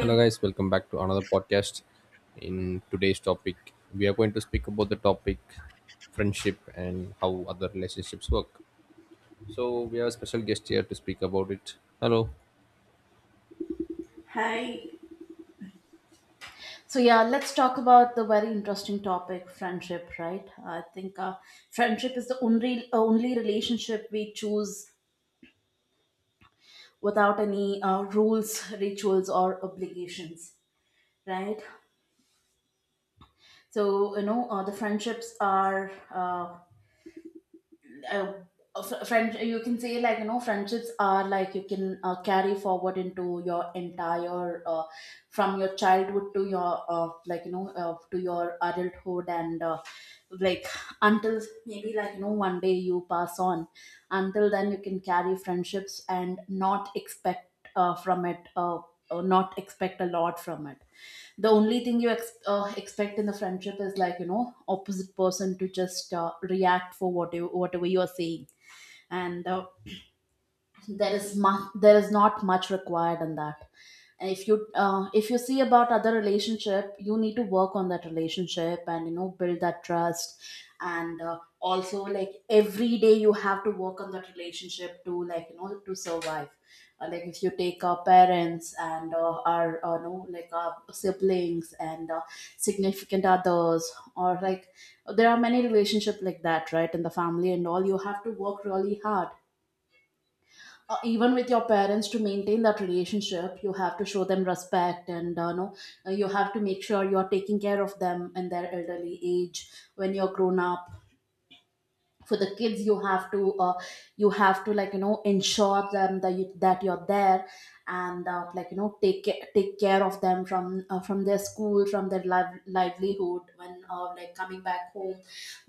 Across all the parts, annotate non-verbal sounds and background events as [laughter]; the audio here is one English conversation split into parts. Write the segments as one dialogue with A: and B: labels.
A: Hello, guys, welcome back to another podcast. In today's topic, we are going to speak about the topic friendship and how other relationships work. So, we have a special guest here to speak about it. Hello.
B: Hi. So yeah, let's talk about the very interesting topic, friendship. Right? I think friendship is the only relationship we choose without any rules, rituals, or obligations. Right? So you know, the friendships are. Uh, fr- Friend, you can say, like you know, friendships are like you can carry forward into your entire from your childhood to your like you know to your adulthood and like until maybe like you know one day you pass on, until then you can carry friendships and not expect from it. Not expect a lot from it. The only thing you expect in the friendship is, like you know, opposite person to just react for whatever you are saying. And There is much there is not much required in that. And if you see about other relationship, you need to work on that relationship and you know build that trust, and also, like every day you have to work on that relationship to, like you know, to survive. Like if you take our parents and our no like our siblings and significant others, or like there are many relationship like that, right, in the family and all. You have to work really hard, even with your parents, to maintain that relationship. You have to show them respect and no, you have to make sure you are taking care of them in their elderly age when you're grown up. For the kids, you have to you have to, like you know, ensure them that that you're there, and like you know, take take care of them from their school, from their livelihood when like coming back home,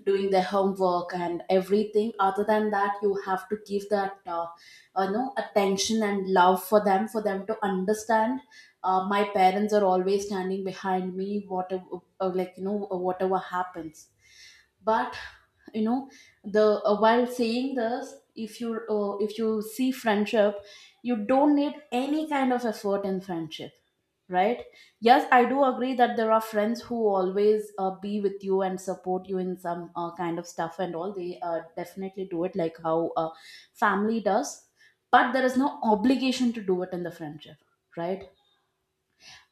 B: doing their homework and everything. Other than that, you have to give that you know, attention and love for them, for them to understand, my parents are always standing behind me whatever, like you know, whatever happens. But you know, the while saying this, if you see friendship, you don't need any kind of effort in friendship, right? Yes, I do agree that there are friends who always be with you and support you in some kind of stuff and all. They definitely do it like how family does, but there is no obligation to do it in the friendship, right?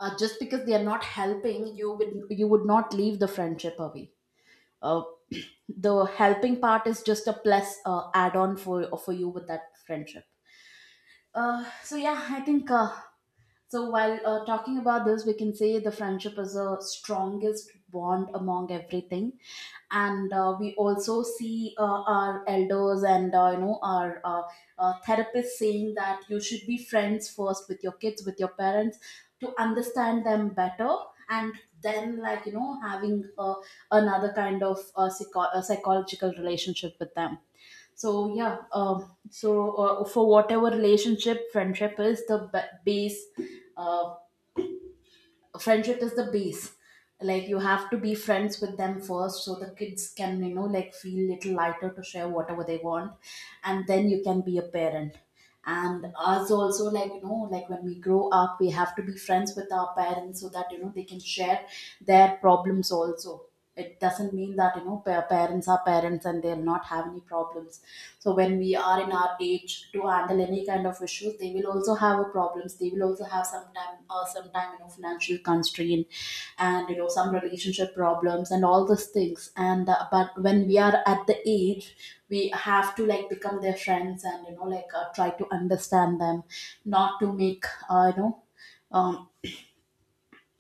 B: Just because they are not helping you, would you would not leave the friendship away. uh, [clears throat] the helping part is just a plus add on for you with that friendship. So yeah, I think so while talking about this, we can say the friendship is the strongest bond among everything, and we also see our elders and you know our therapists saying that you should be friends first with your kids, with your parents, to understand them better, and then, like you know, having another kind of psychological relationship with them. So yeah, for whatever relationship, friendship is the base. Uh, Friendship is the base. Like you have to be friends with them first, so the kids can, you know, like feel little lighter to share whatever they want, and then you can be a parent. And us also, like you know, like when we grow up, we have to be friends with our parents so that, you know, they can share their problems also. It doesn't mean that, you know, parents are parents and they'll not have any problems. So when we are in our age to handle any kind of issues, they will also have a problems, they will also have sometime sometime, you know, financial constraint and, you know, some relationship problems and all those things. And but when we are at the age, we have to like become their friends and, you know, like try to understand them, not to make um,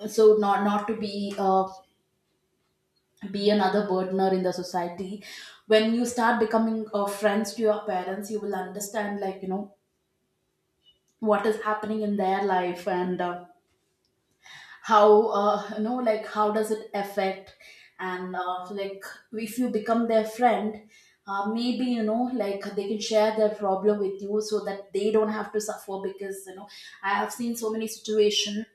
B: not to be another burdener in the society. When you start becoming friends to your parents, you will understand, like you know, what is happening in their life, and how you know, like how does it affect. And like if you become their friend, maybe, you know, like they can share their problem with you, so that they don't have to suffer. Because, you know, I have seen so many situations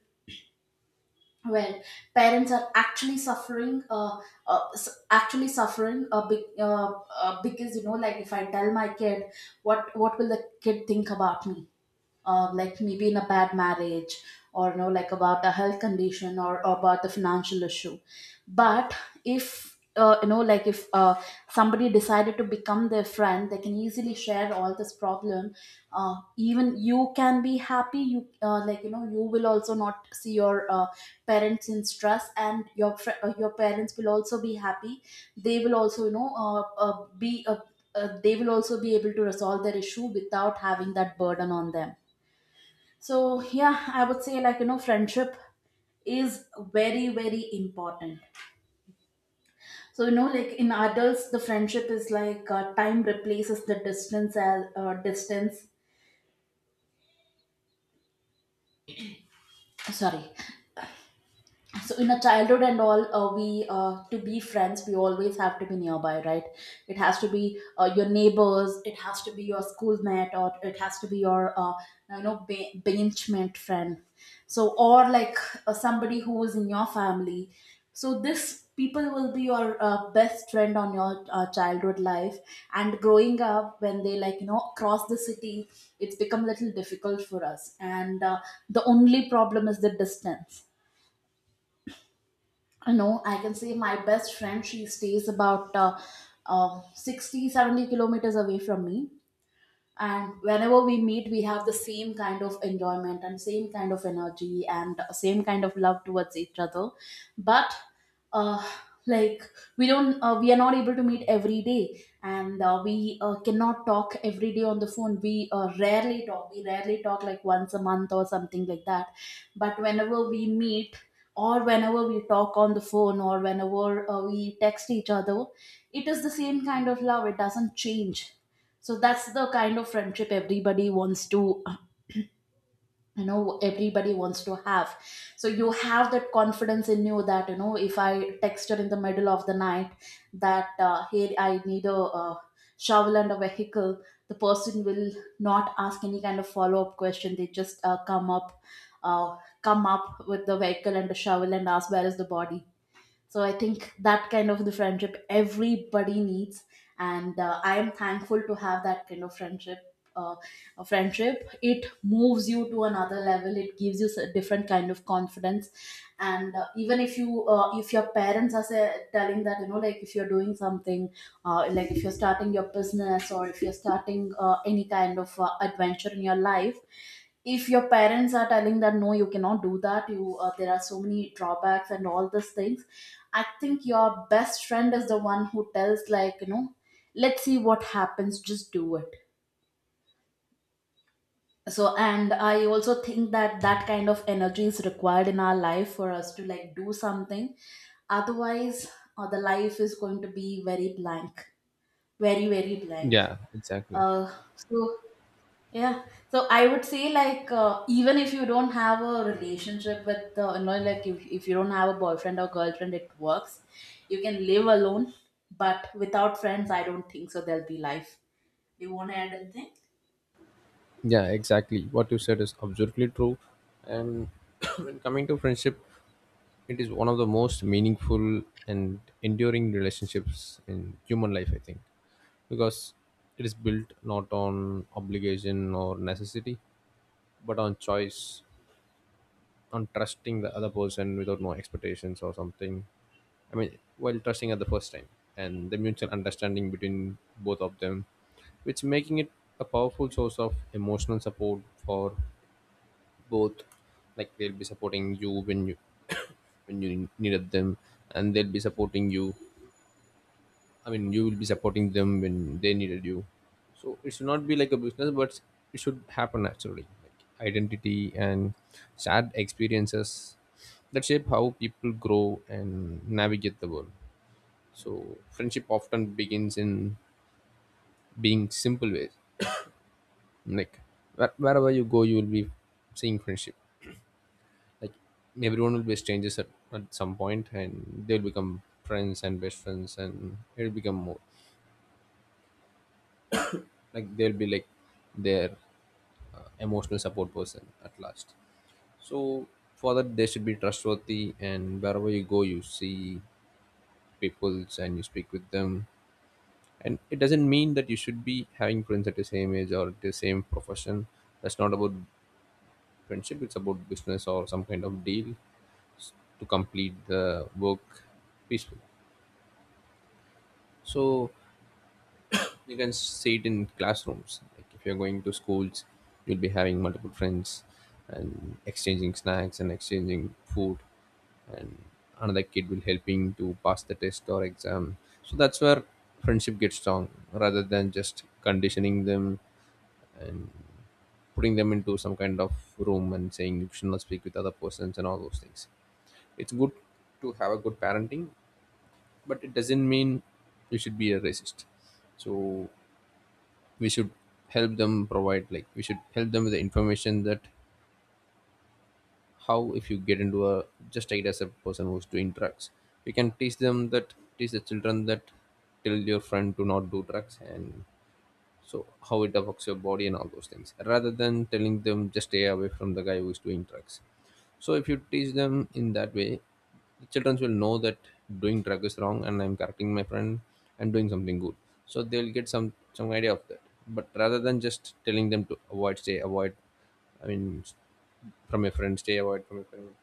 B: well parents are actually suffering actually suffering a big because, you know, like if I tell my kid, what will the kid think about me? Like maybe in a bad marriage, or, you know, like about a health condition, or about the financial issue. But if you know, like if somebody decided to become their friend, they can easily share all this problem. Even you can be happy, you like you know, you will also not see your parents in stress, and your your parents will also be happy. They will also, you know, be they will also be able to resolve their issue without having that burden on them. So yeah, I would say, like you know, friendship is very, very important. So you know, like in adults, the friendship is like time replaces the distance Sorry, so in a childhood and all, we to be friends we always have to be nearby, right? It has to be your neighbors, it has to be your schoolmate, or it has to be your you know, benchmate friend. So, or like somebody who is in your family. So this people will be your best friend on your childhood life. And growing up, when they, like you know, cross the city, it's become a little difficult for us. And the only problem is the distance. You know, I can say my best friend, she stays about 60 70 kilometers away from me, and whenever we meet, we have the same kind of enjoyment and same kind of energy and same kind of love towards each other. But uh like we don't we are not able to meet every day, and we cannot talk every day on the phone. We rarely talk, we rarely talk like once a month or something like that. But whenever we meet, or whenever we talk on the phone, or whenever we text each other, it is the same kind of love, it doesn't change. So that's the kind of friendship everybody wants to you know, everybody wants to have. So you have that confidence in you that, you know, if I text her in the middle of the night that, here I need a uh, shovel and a vehicle, the person will not ask any kind of follow up question, they just come up with the vehicle and the shovel and ask, where is the body? So I think that kind of the friendship everybody needs, and I am thankful to have that kind of friendship. Uh, a friendship, it moves you to another level. It gives you a different kind of confidence, and even if you if your parents are say, telling that, you know, like if you're doing something, like if you're starting your business, or if you're starting any kind of adventure in your life, if your parents are telling that no you cannot do that, you there are so many drawbacks and all these things, I think your best friend is the one who tells, like you know, let's see what happens, just do it. So, and I also think that that kind of energy is required in our life for us to like do something. Otherwise, the life is going to be very blank, very, very blank.
A: Yeah, exactly.
B: So yeah, so I would say like even if you don't have a relationship with you know, like if you don't have a boyfriend or girlfriend, it works. You can live alone, but without friends, I don't think so there'll be life. Do you want to add anything?
A: Yeah, exactly. What you said is absolutely true. And [coughs] [clears throat] when coming to friendship, it is one of the most meaningful and enduring relationships in human life, I think, because it is built not on obligation or necessity, but on choice on trusting the other person without no expectations or something. I mean, while trusting at the first time and the mutual understanding between both of them, which making it a powerful source of emotional support for both. Like they'll be supporting you when you [coughs] when you needed them, and they'll be supporting you I mean, you will be supporting them when they needed you. So it should not be like a business, but it should happen naturally. Like identity and shared experiences that shape how people grow and navigate the world. So friendship often begins in being simple ways. Like wherever you go, you will be seeing friendship. Like everyone will be strangers at some point, and they will become friends and best friends, and it will become more. Like they'll be like their emotional support person at last. So for that they should be trustworthy, and wherever you go you see peoples and you speak with them, and it doesn't mean that you should be having friends at the same age or the same profession. That's not about friendship, it's about business or some kind of deal s- to complete the work peacefully. So you can see it in classrooms. Like if you're going to schools, you'll be having multiple friends and exchanging snacks and exchanging food, and another kid will helping to pass the test or exam. So that's where friendship gets strong, rather than just conditioning them, putting them into some kind of room and saying you should not speak with other persons and all those things. It's good to have a good parenting, but it doesn't mean you should be a racist. So we should help them provide, like we should help them with the information that how if you get into a, just take it as a person who's doing drugs, we can teach them that, teach the children that tell your friend to not do drugs, and so how it affects your body and all those things rather than telling them just stay away from the guy who is doing drugs. So if you teach them in that way, the children will know that doing drug is wrong and I'm correcting my friend and doing something good. So they'll get some idea of that, but rather than just telling them to avoid, stay avoid, I mean, from your friend, stay avoid from your friend,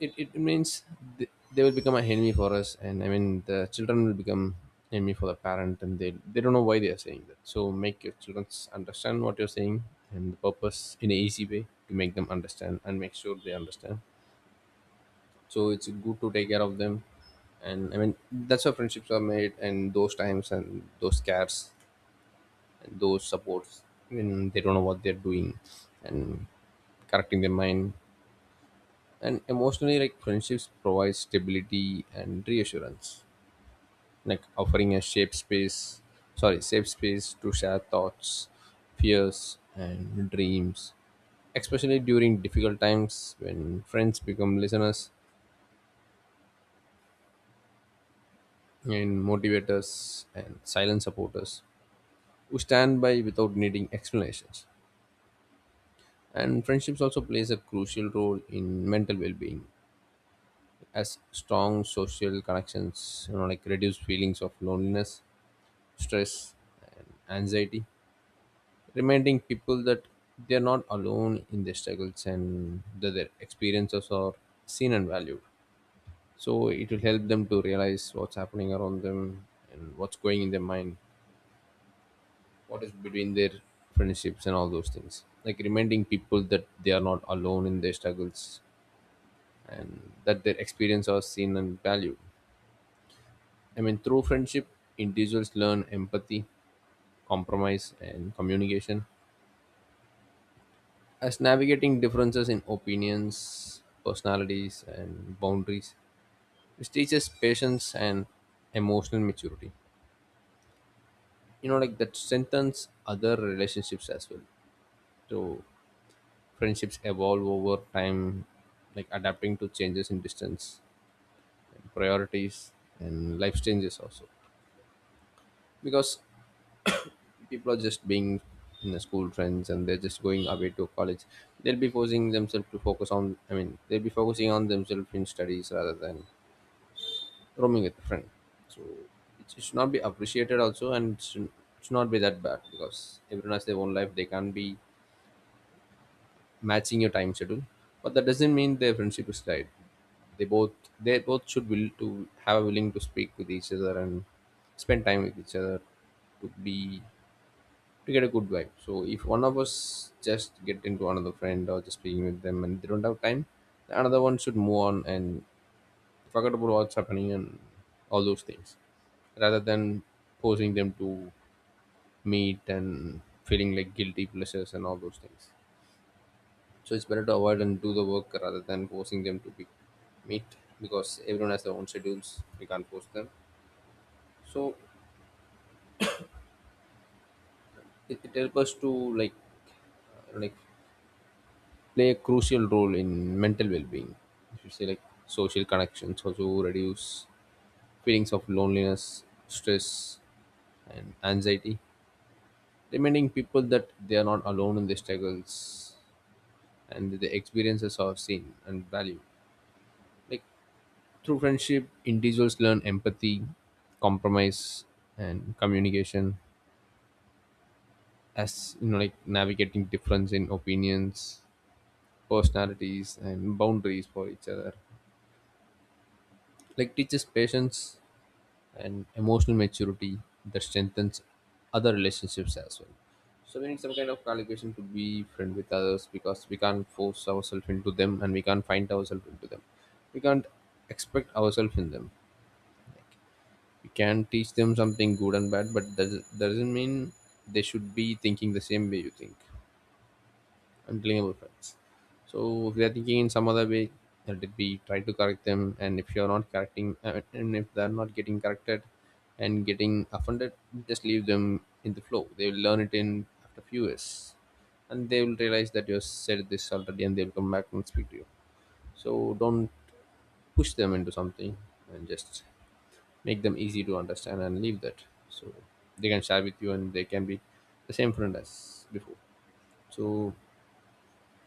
A: it means they will become an enemy for us, and I mean the children will become enemy for the parent, and they don't know why they are saying that. So make your children understand what you're saying and the purpose in an easy way to make them understand, and make sure they understand. So it's good to take care of them, and I mean that's how friendships are made, and those times and those cares and those supports, when they don't know what they're doing, and correcting their mind. And emotionally, like friendships provide stability and reassurance, like offering a safe space, sorry, safe space to share thoughts, fears and dreams, especially during difficult times when friends become listeners and motivators and silent supporters who stand by without needing explanations. And friendships also plays a crucial role in mental well-being as strong social connections, you know, like reduce feelings of loneliness, stress, and anxiety, reminding people that they're not alone in their struggles and that their experiences are seen and valued. So it will help them to realize what's happening around them and what's going in their mind, what is between their friendships and all those things. Like reminding people that they are not alone in their struggles and that their experiences are seen and valued. I mean, through friendship, individuals learn empathy, compromise, and communication as navigating differences in opinions, personalities, and boundaries, which teaches patience and emotional maturity. You know, like that strengthens other relationships as well. So, friendships evolve over time, like adapting to changes in distance, and priorities, and life changes also. Because people are just being in the school friends and they're just going away to college, they'll be forcing themselves to focus on, I mean they'll be focusing on themselves in studies rather than roaming with a friend. So it should not be appreciated also, and should not be that bad because everyone has their own life. They can't be matching your time schedule, but that doesn't mean their friendship is died. They both they both should will to have a willing to speak with each other and spend time with each other to be, to get a good vibe. So if one of us just get into another friend or just speaking with them and they don't have time, the another one should move on and forget about what's happening and all those things, rather than forcing them to meet and feeling like guilty pleasures and all those things. So it's better to avoid and do the work rather than forcing them to be meet, because everyone has their own schedules, we can't force them. So it helps us to like like play a crucial role in mental well-being. If you say like social connections also reduce feelings of loneliness, stress and anxiety, reminding people that they are not alone in their struggles and that their experiences are seen and valued. Like through friendship, individuals learn empathy, compromise, and communication as, you know, like navigating difference in opinions, personalities, and boundaries for each other. Like teaches patience and emotional maturity that strengthens other relationships as well. So we need some kind of calculation to be friend with others because we can't force ourselves into them and we can't find ourselves into them. We can't expect ourselves in them. We can teach them something good and bad, but that doesn't mean they should be thinking the same way you think, unblamable facts. So if they're thinking in some other way, let it be, try to correct them. And if you're not correcting, and if they're not getting corrected and getting offended, just leave them in the flow. They will learn it in after few years, and they will realize that you have said this already, and they'll come back and speak to you. So don't push them into something, and just make them easy to understand and leave that. So they can share with you, and they can be the same friend as before. So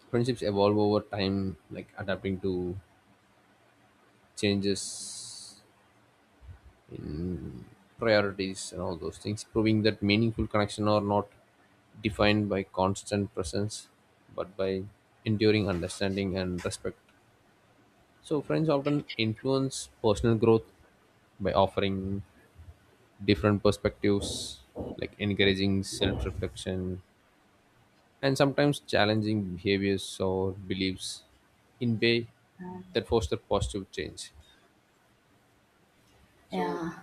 A: friendships evolve over time, like adapting to changes in priorities and all those things, proving that meaningful connection are not defined by constant presence but by enduring understanding and respect. So, friends often influence personal growth by offering different perspectives, like encouraging self reflection and sometimes challenging behaviors or beliefs in way that foster positive change. So
B: Yeah,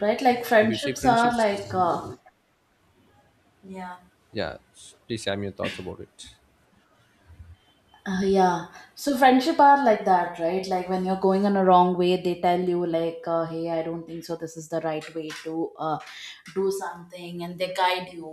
B: right. Like
A: if you see
B: friendships are like
A: friendships
B: yeah.
A: yeah please have your thoughts about it.
B: Yeah. So friendship are like that, right? Like when you're going on a wrong way, they tell you like, "Hey, I don't think so. This is the right way to do something," and they guide you.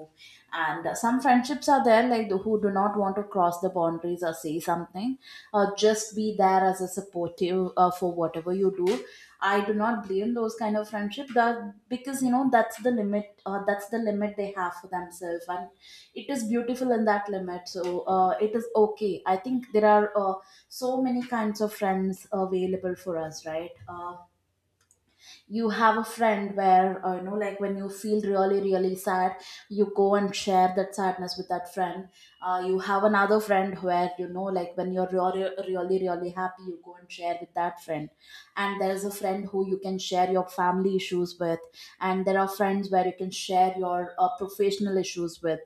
B: And Some friendships are there, like who do not want to cross the boundaries or say something, or just be there as a supportive for whatever you do. I do not blame those kind of friendship that because that's the limit they have for themselves, and it is beautiful in that limit. So it is okay. I think there are so many kinds of friends available for us, right? You have a friend where like when you feel really really sad, you go and share that sadness with that friend. You have another friend where like when you're really really really happy, you go and share with that friend. And there's a friend who you can share your family issues with, and there are friends where you can share your professional issues with.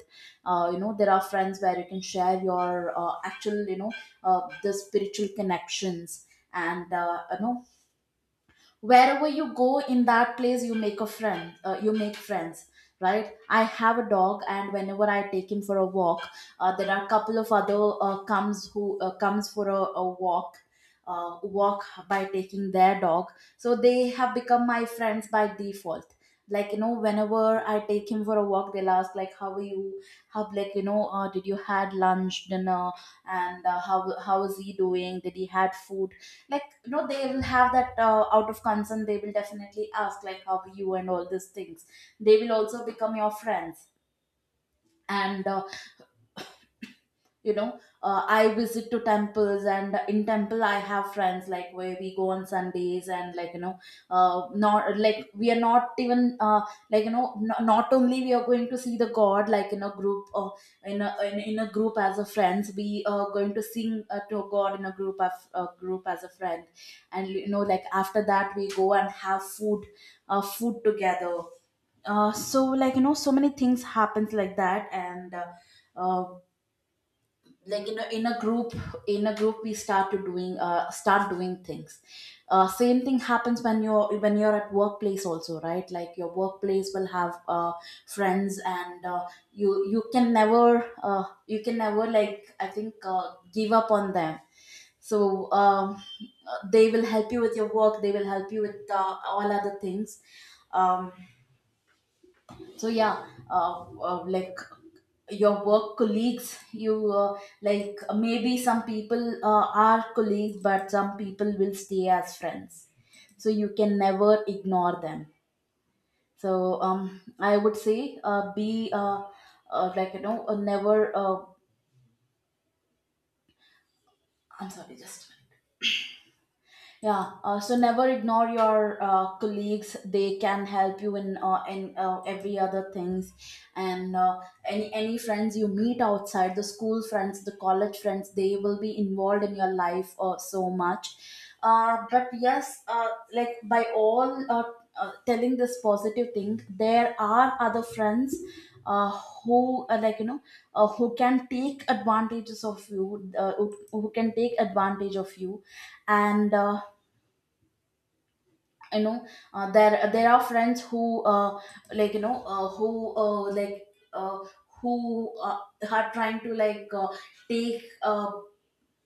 B: There are friends where you can share your actual, the spiritual connections. And wherever you go in that place, you make a friend. You make friends, right? I have a dog, and whenever I take him for a walk, there are a couple of other comes, who comes for a walk, walk by taking their dog. So they have become my friends by default. Whenever I take him for a walk, they'll ask like, how are you, how, did you had lunch, dinner? And how is he doing, did he had food? They will have that out of concern. They will definitely ask like, how are you, and all these things. They will also become your friends. And I visit to temples, and in temple I have friends, like where we go on Sundays. And not like we are not even no, not only we are going to see the god like in a group, or in a in, in a group as a friends, we are going to sing to god in a group of a group as a friend. And like after that, we go and have food, food together. So so many things happens like that. And uh, like in a group we start to doing start doing things. Same thing happens when you're at workplace also, right? Like your workplace will have friends, and you can never, I think give up on them. So they will help you with your work, they will help you with all other things. um so yeah. uh, uh, like your work colleagues, you like maybe some people are colleagues, but some people will stay as friends, so you can never ignore them. So um I would say be never uh, I'm sorry, just a minute. Yeah, so never ignore your colleagues. They can help you in every other things, and any friends you meet outside, the school friends, the college friends, they will be involved in your life so much. But yes, like by all telling this positive thing, there are other friends uh, who who can take advantages of you, who can take advantage of you. And you know there are friends who like you know who like uh, who are trying to like take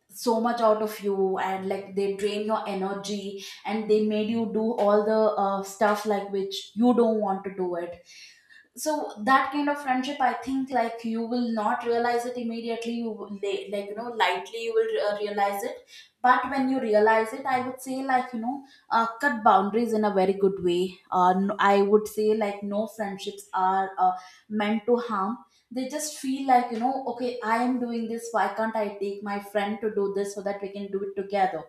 B: so much out of you, and like they drain your energy, and they made you do all the stuff like which you don't want to do it. So that kind of friendship, I think like you will not realize it immediately. You will lightly you will realize it. But when you realize it, I would say cut boundaries in a very good way. No, I would say like no friendships are meant to harm. They just feel like, okay, I am doing this, why can't I take my friend to do this so that we can do it together.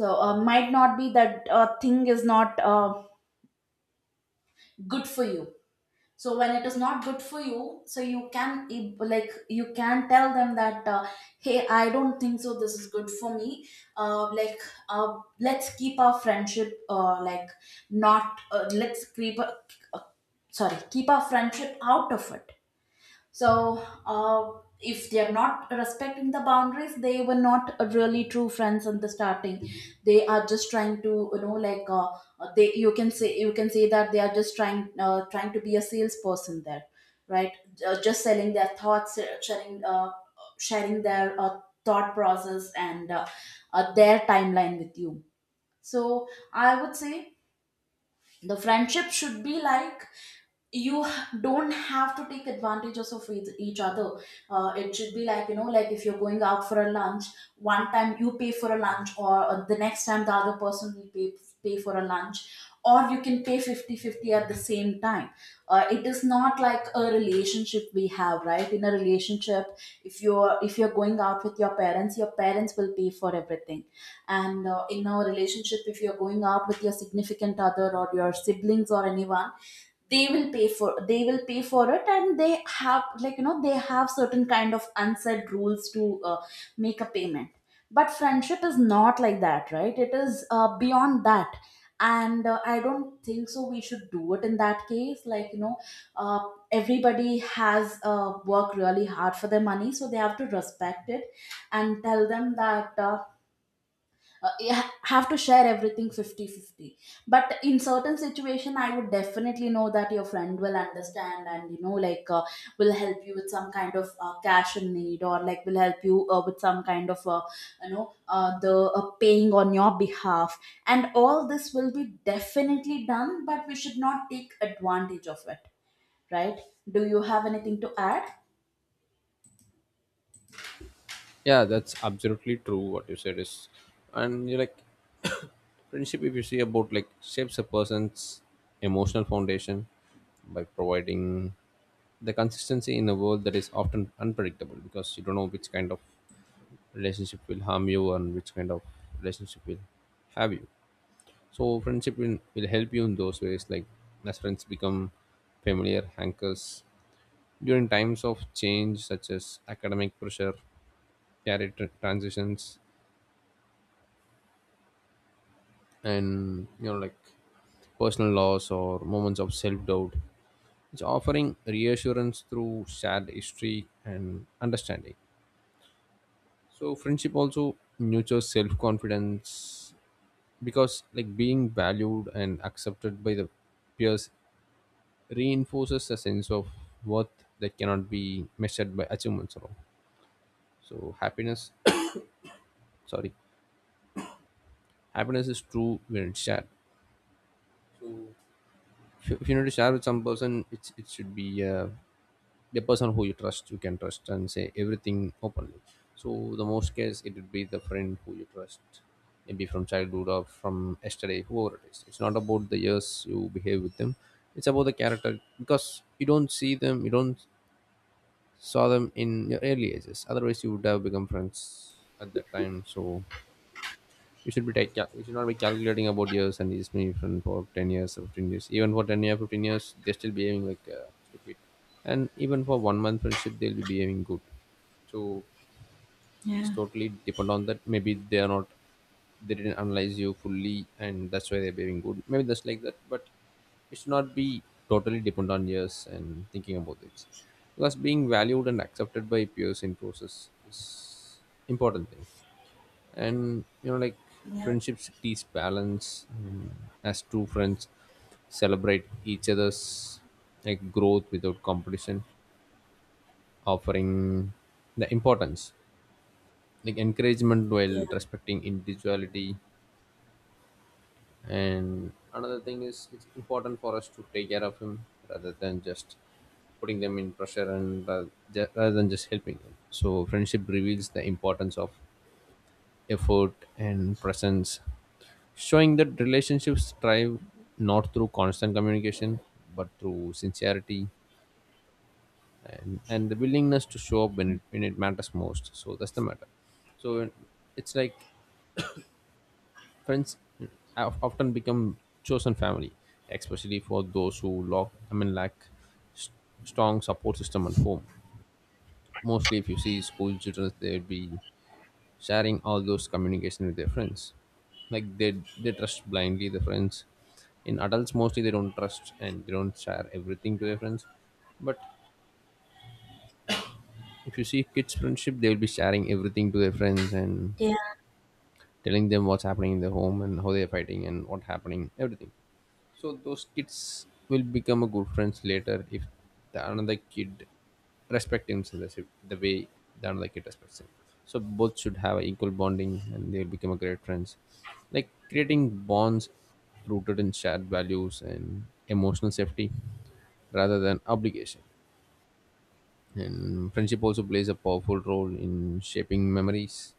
B: So might not be that. Thing is not good for you. So when it is not good for you, so you can like you can tell them that, hey, I don't think so this is good for me. uh, like let's keep our friendship, like not let's keep sorry, keep our friendship out of it. So, if they are not respecting the boundaries, they were not really true friends in the starting. They are just trying to, like they you can say that they are just trying to be a salesperson there, right? Just selling their thoughts, sharing their thought process, and their timeline with you. So, I would say the friendship should be like, you h- don't have to take advantages of each other. It should be like, like if you're going out for a lunch, one time you pay for a lunch, or the next time the other person will pay for a lunch, or you can pay 50 50 at the same time. It is not like a relationship we have, right? In a relationship, if you're going out with your parents, your parents will pay for everything. And in our relationship, if you're going out with your significant other or your siblings or anyone, they will pay for it, and they have certain kind of unsaid rules to make a payment. But friendship is not like that, right? It is beyond that. And I don't think so we should do it in that case. Uh, Everybody has worked really hard for their money, so they have to respect it, and tell them that have to share everything fifty-fifty. But in certain situation, I would definitely know that your friend will understand, and like will help you with some kind of cash in need, or like will help you with some kind of the paying on your behalf, and all this will be definitely done, but we should not take advantage of it, right? Do you have anything to add?
A: Yeah, that's absolutely true. What you said is, and you like, friendship, if you see about, like, shapes a person's emotional foundation by providing the consistency in a world that is often unpredictable, because you don't know which kind of relationship will harm you and which kind of relationship will have you. So friendship will help you in those ways, like as friends become familiar anchors during times of change, such as academic pressure, career transitions, and you know, like personal loss or moments of self doubt, it's offering reassurance through shared history and understanding. So, friendship also nurtures self confidence because, like, being valued and accepted by the peers reinforces a sense of worth that cannot be measured by achievements alone. So, happiness, [coughs] sorry, happiness is true when it's shared. If you need to share with some person it should be the person who you trust. You can trust and say everything openly, so the most case it would be the friend who you trust, maybe from childhood or from yesterday. Whoever it is, it's not about the years you behave with them, it's about the character, because you don't see them, you don't saw them in your early ages, otherwise you would have become friends at that time. So you should be you should not be calculating about years and years. Maybe even for 10 years or 15 years, even for 10 years 15 years they're still behaving like stupid, and even for one month friendship they'll be behaving good. So it's
B: Yeah.
A: totally depend on that. Maybe they are not, they didn't analyze you fully and that's why they're behaving good, maybe that's like that, but it should not be totally depend on years and thinking about it, because being valued and accepted by peers in process is important thing. And you know, like,
B: Yeah.
A: friendships teach balance, as true friends celebrate each other's like growth without competition, offering the importance like encouragement
B: Yeah.
A: while respecting individuality. And another thing is it's important for us to take care of him rather than just putting them in pressure, and rather than just helping them. So friendship reveals the importance of effort, and presence, showing that relationships thrive not through constant communication but through sincerity and the willingness to show up when it matters most. So that's the matter. So it's like friends have often become chosen family, especially for those who lack, I mean, lack s- strong support system at home. Mostly, if you see school children, they would be sharing all those communication with their friends. Like they trust blindly the friends. In adults mostly they don't trust and they don't share everything to their friends. But if you see kids friendship, they will be sharing everything to their friends and
B: Yeah.
A: telling them what's happening in their home and how they're fighting and what happening everything. So those kids will become a good friends later if the another kid respect himself. That's it, the way the another kid respects him. So both should have equal bonding and they'll become a great friends, like creating bonds rooted in shared values and emotional safety rather than obligation. And friendship also plays a powerful role in shaping memories,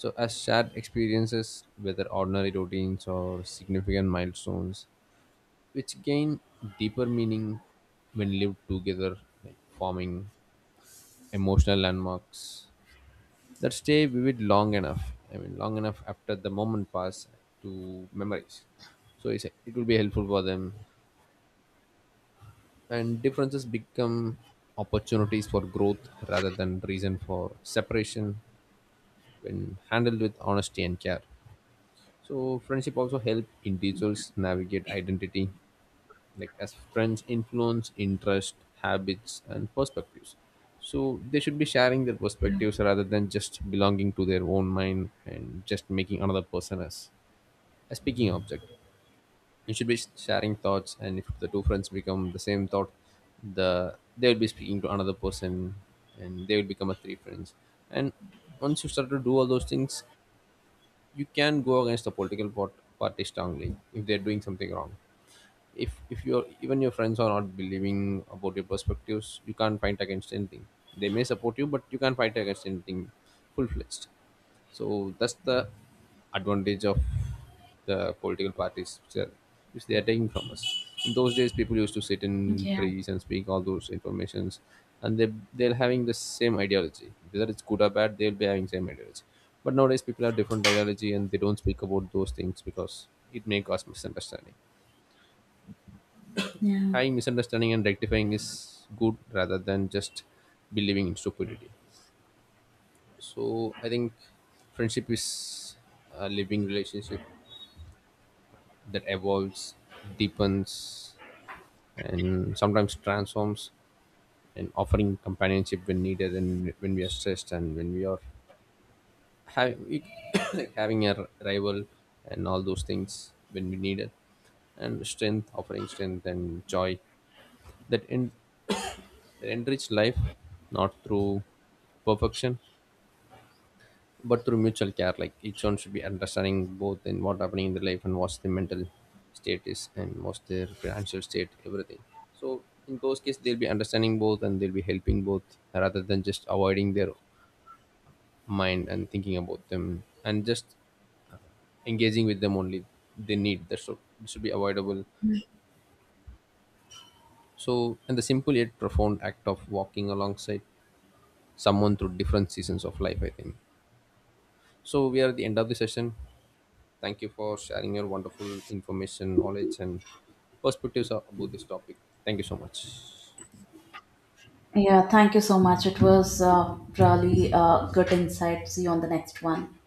A: so as shared experiences, whether ordinary routines or significant milestones, which gain deeper meaning when lived together, like forming emotional landmarks that stay vivid long enough. I mean, long enough after the moment pass to memories. So it will be helpful for them, and differences become opportunities for growth rather than reason for separation when handled with honesty and care. So friendship also help individuals navigate identity, like as friends influence interest, habits and perspectives. So they should be sharing their perspectives rather than just belonging to their own mind and just making another person as a speaking object. You should be sharing thoughts, and if the two friends become the same thought, they will be speaking to another person and they will become a three friends. And once you start to do all those things, you can go against the party strongly if they're doing something wrong. If your even your friends are not believing about your perspectives, you can't fight against anything. They may support you but you can't fight against anything full-fledged. So that's the advantage of the political parties which they are taking from us. In those days people used to sit in
B: Yeah.
A: trees and speak all those informations, and they're having the same ideology, whether it's good or bad they'll be having same ideology. But nowadays people have different ideology and they don't speak about those things because it may cause misunderstanding.
B: Yeah,
A: I Misunderstanding and rectifying is good rather than just believing in stupidity. So I think friendship is a living relationship that evolves, deepens, and sometimes transforms, and offering companionship when needed, and when we are stressed, and when we are having [coughs] like having a rival and all those things when we need it, and strength, offering strength and joy that in enrich life not through perfection but through mutual care. Like each one should be understanding both in what happening in their life and what's the mental state is and what's their financial state, everything. So in those cases they'll be understanding both and they'll be helping both rather than just avoiding their mind and thinking about them and just engaging with them only. They need that should be avoidable. So, and the simple yet profound act of walking alongside someone through different seasons of life, I think. So we are at the end of the session. Thank you for sharing your wonderful information, knowledge, and perspectives about this topic. Thank you so much.
B: Yeah, thank you so much. It was really good insight. See you on the next one.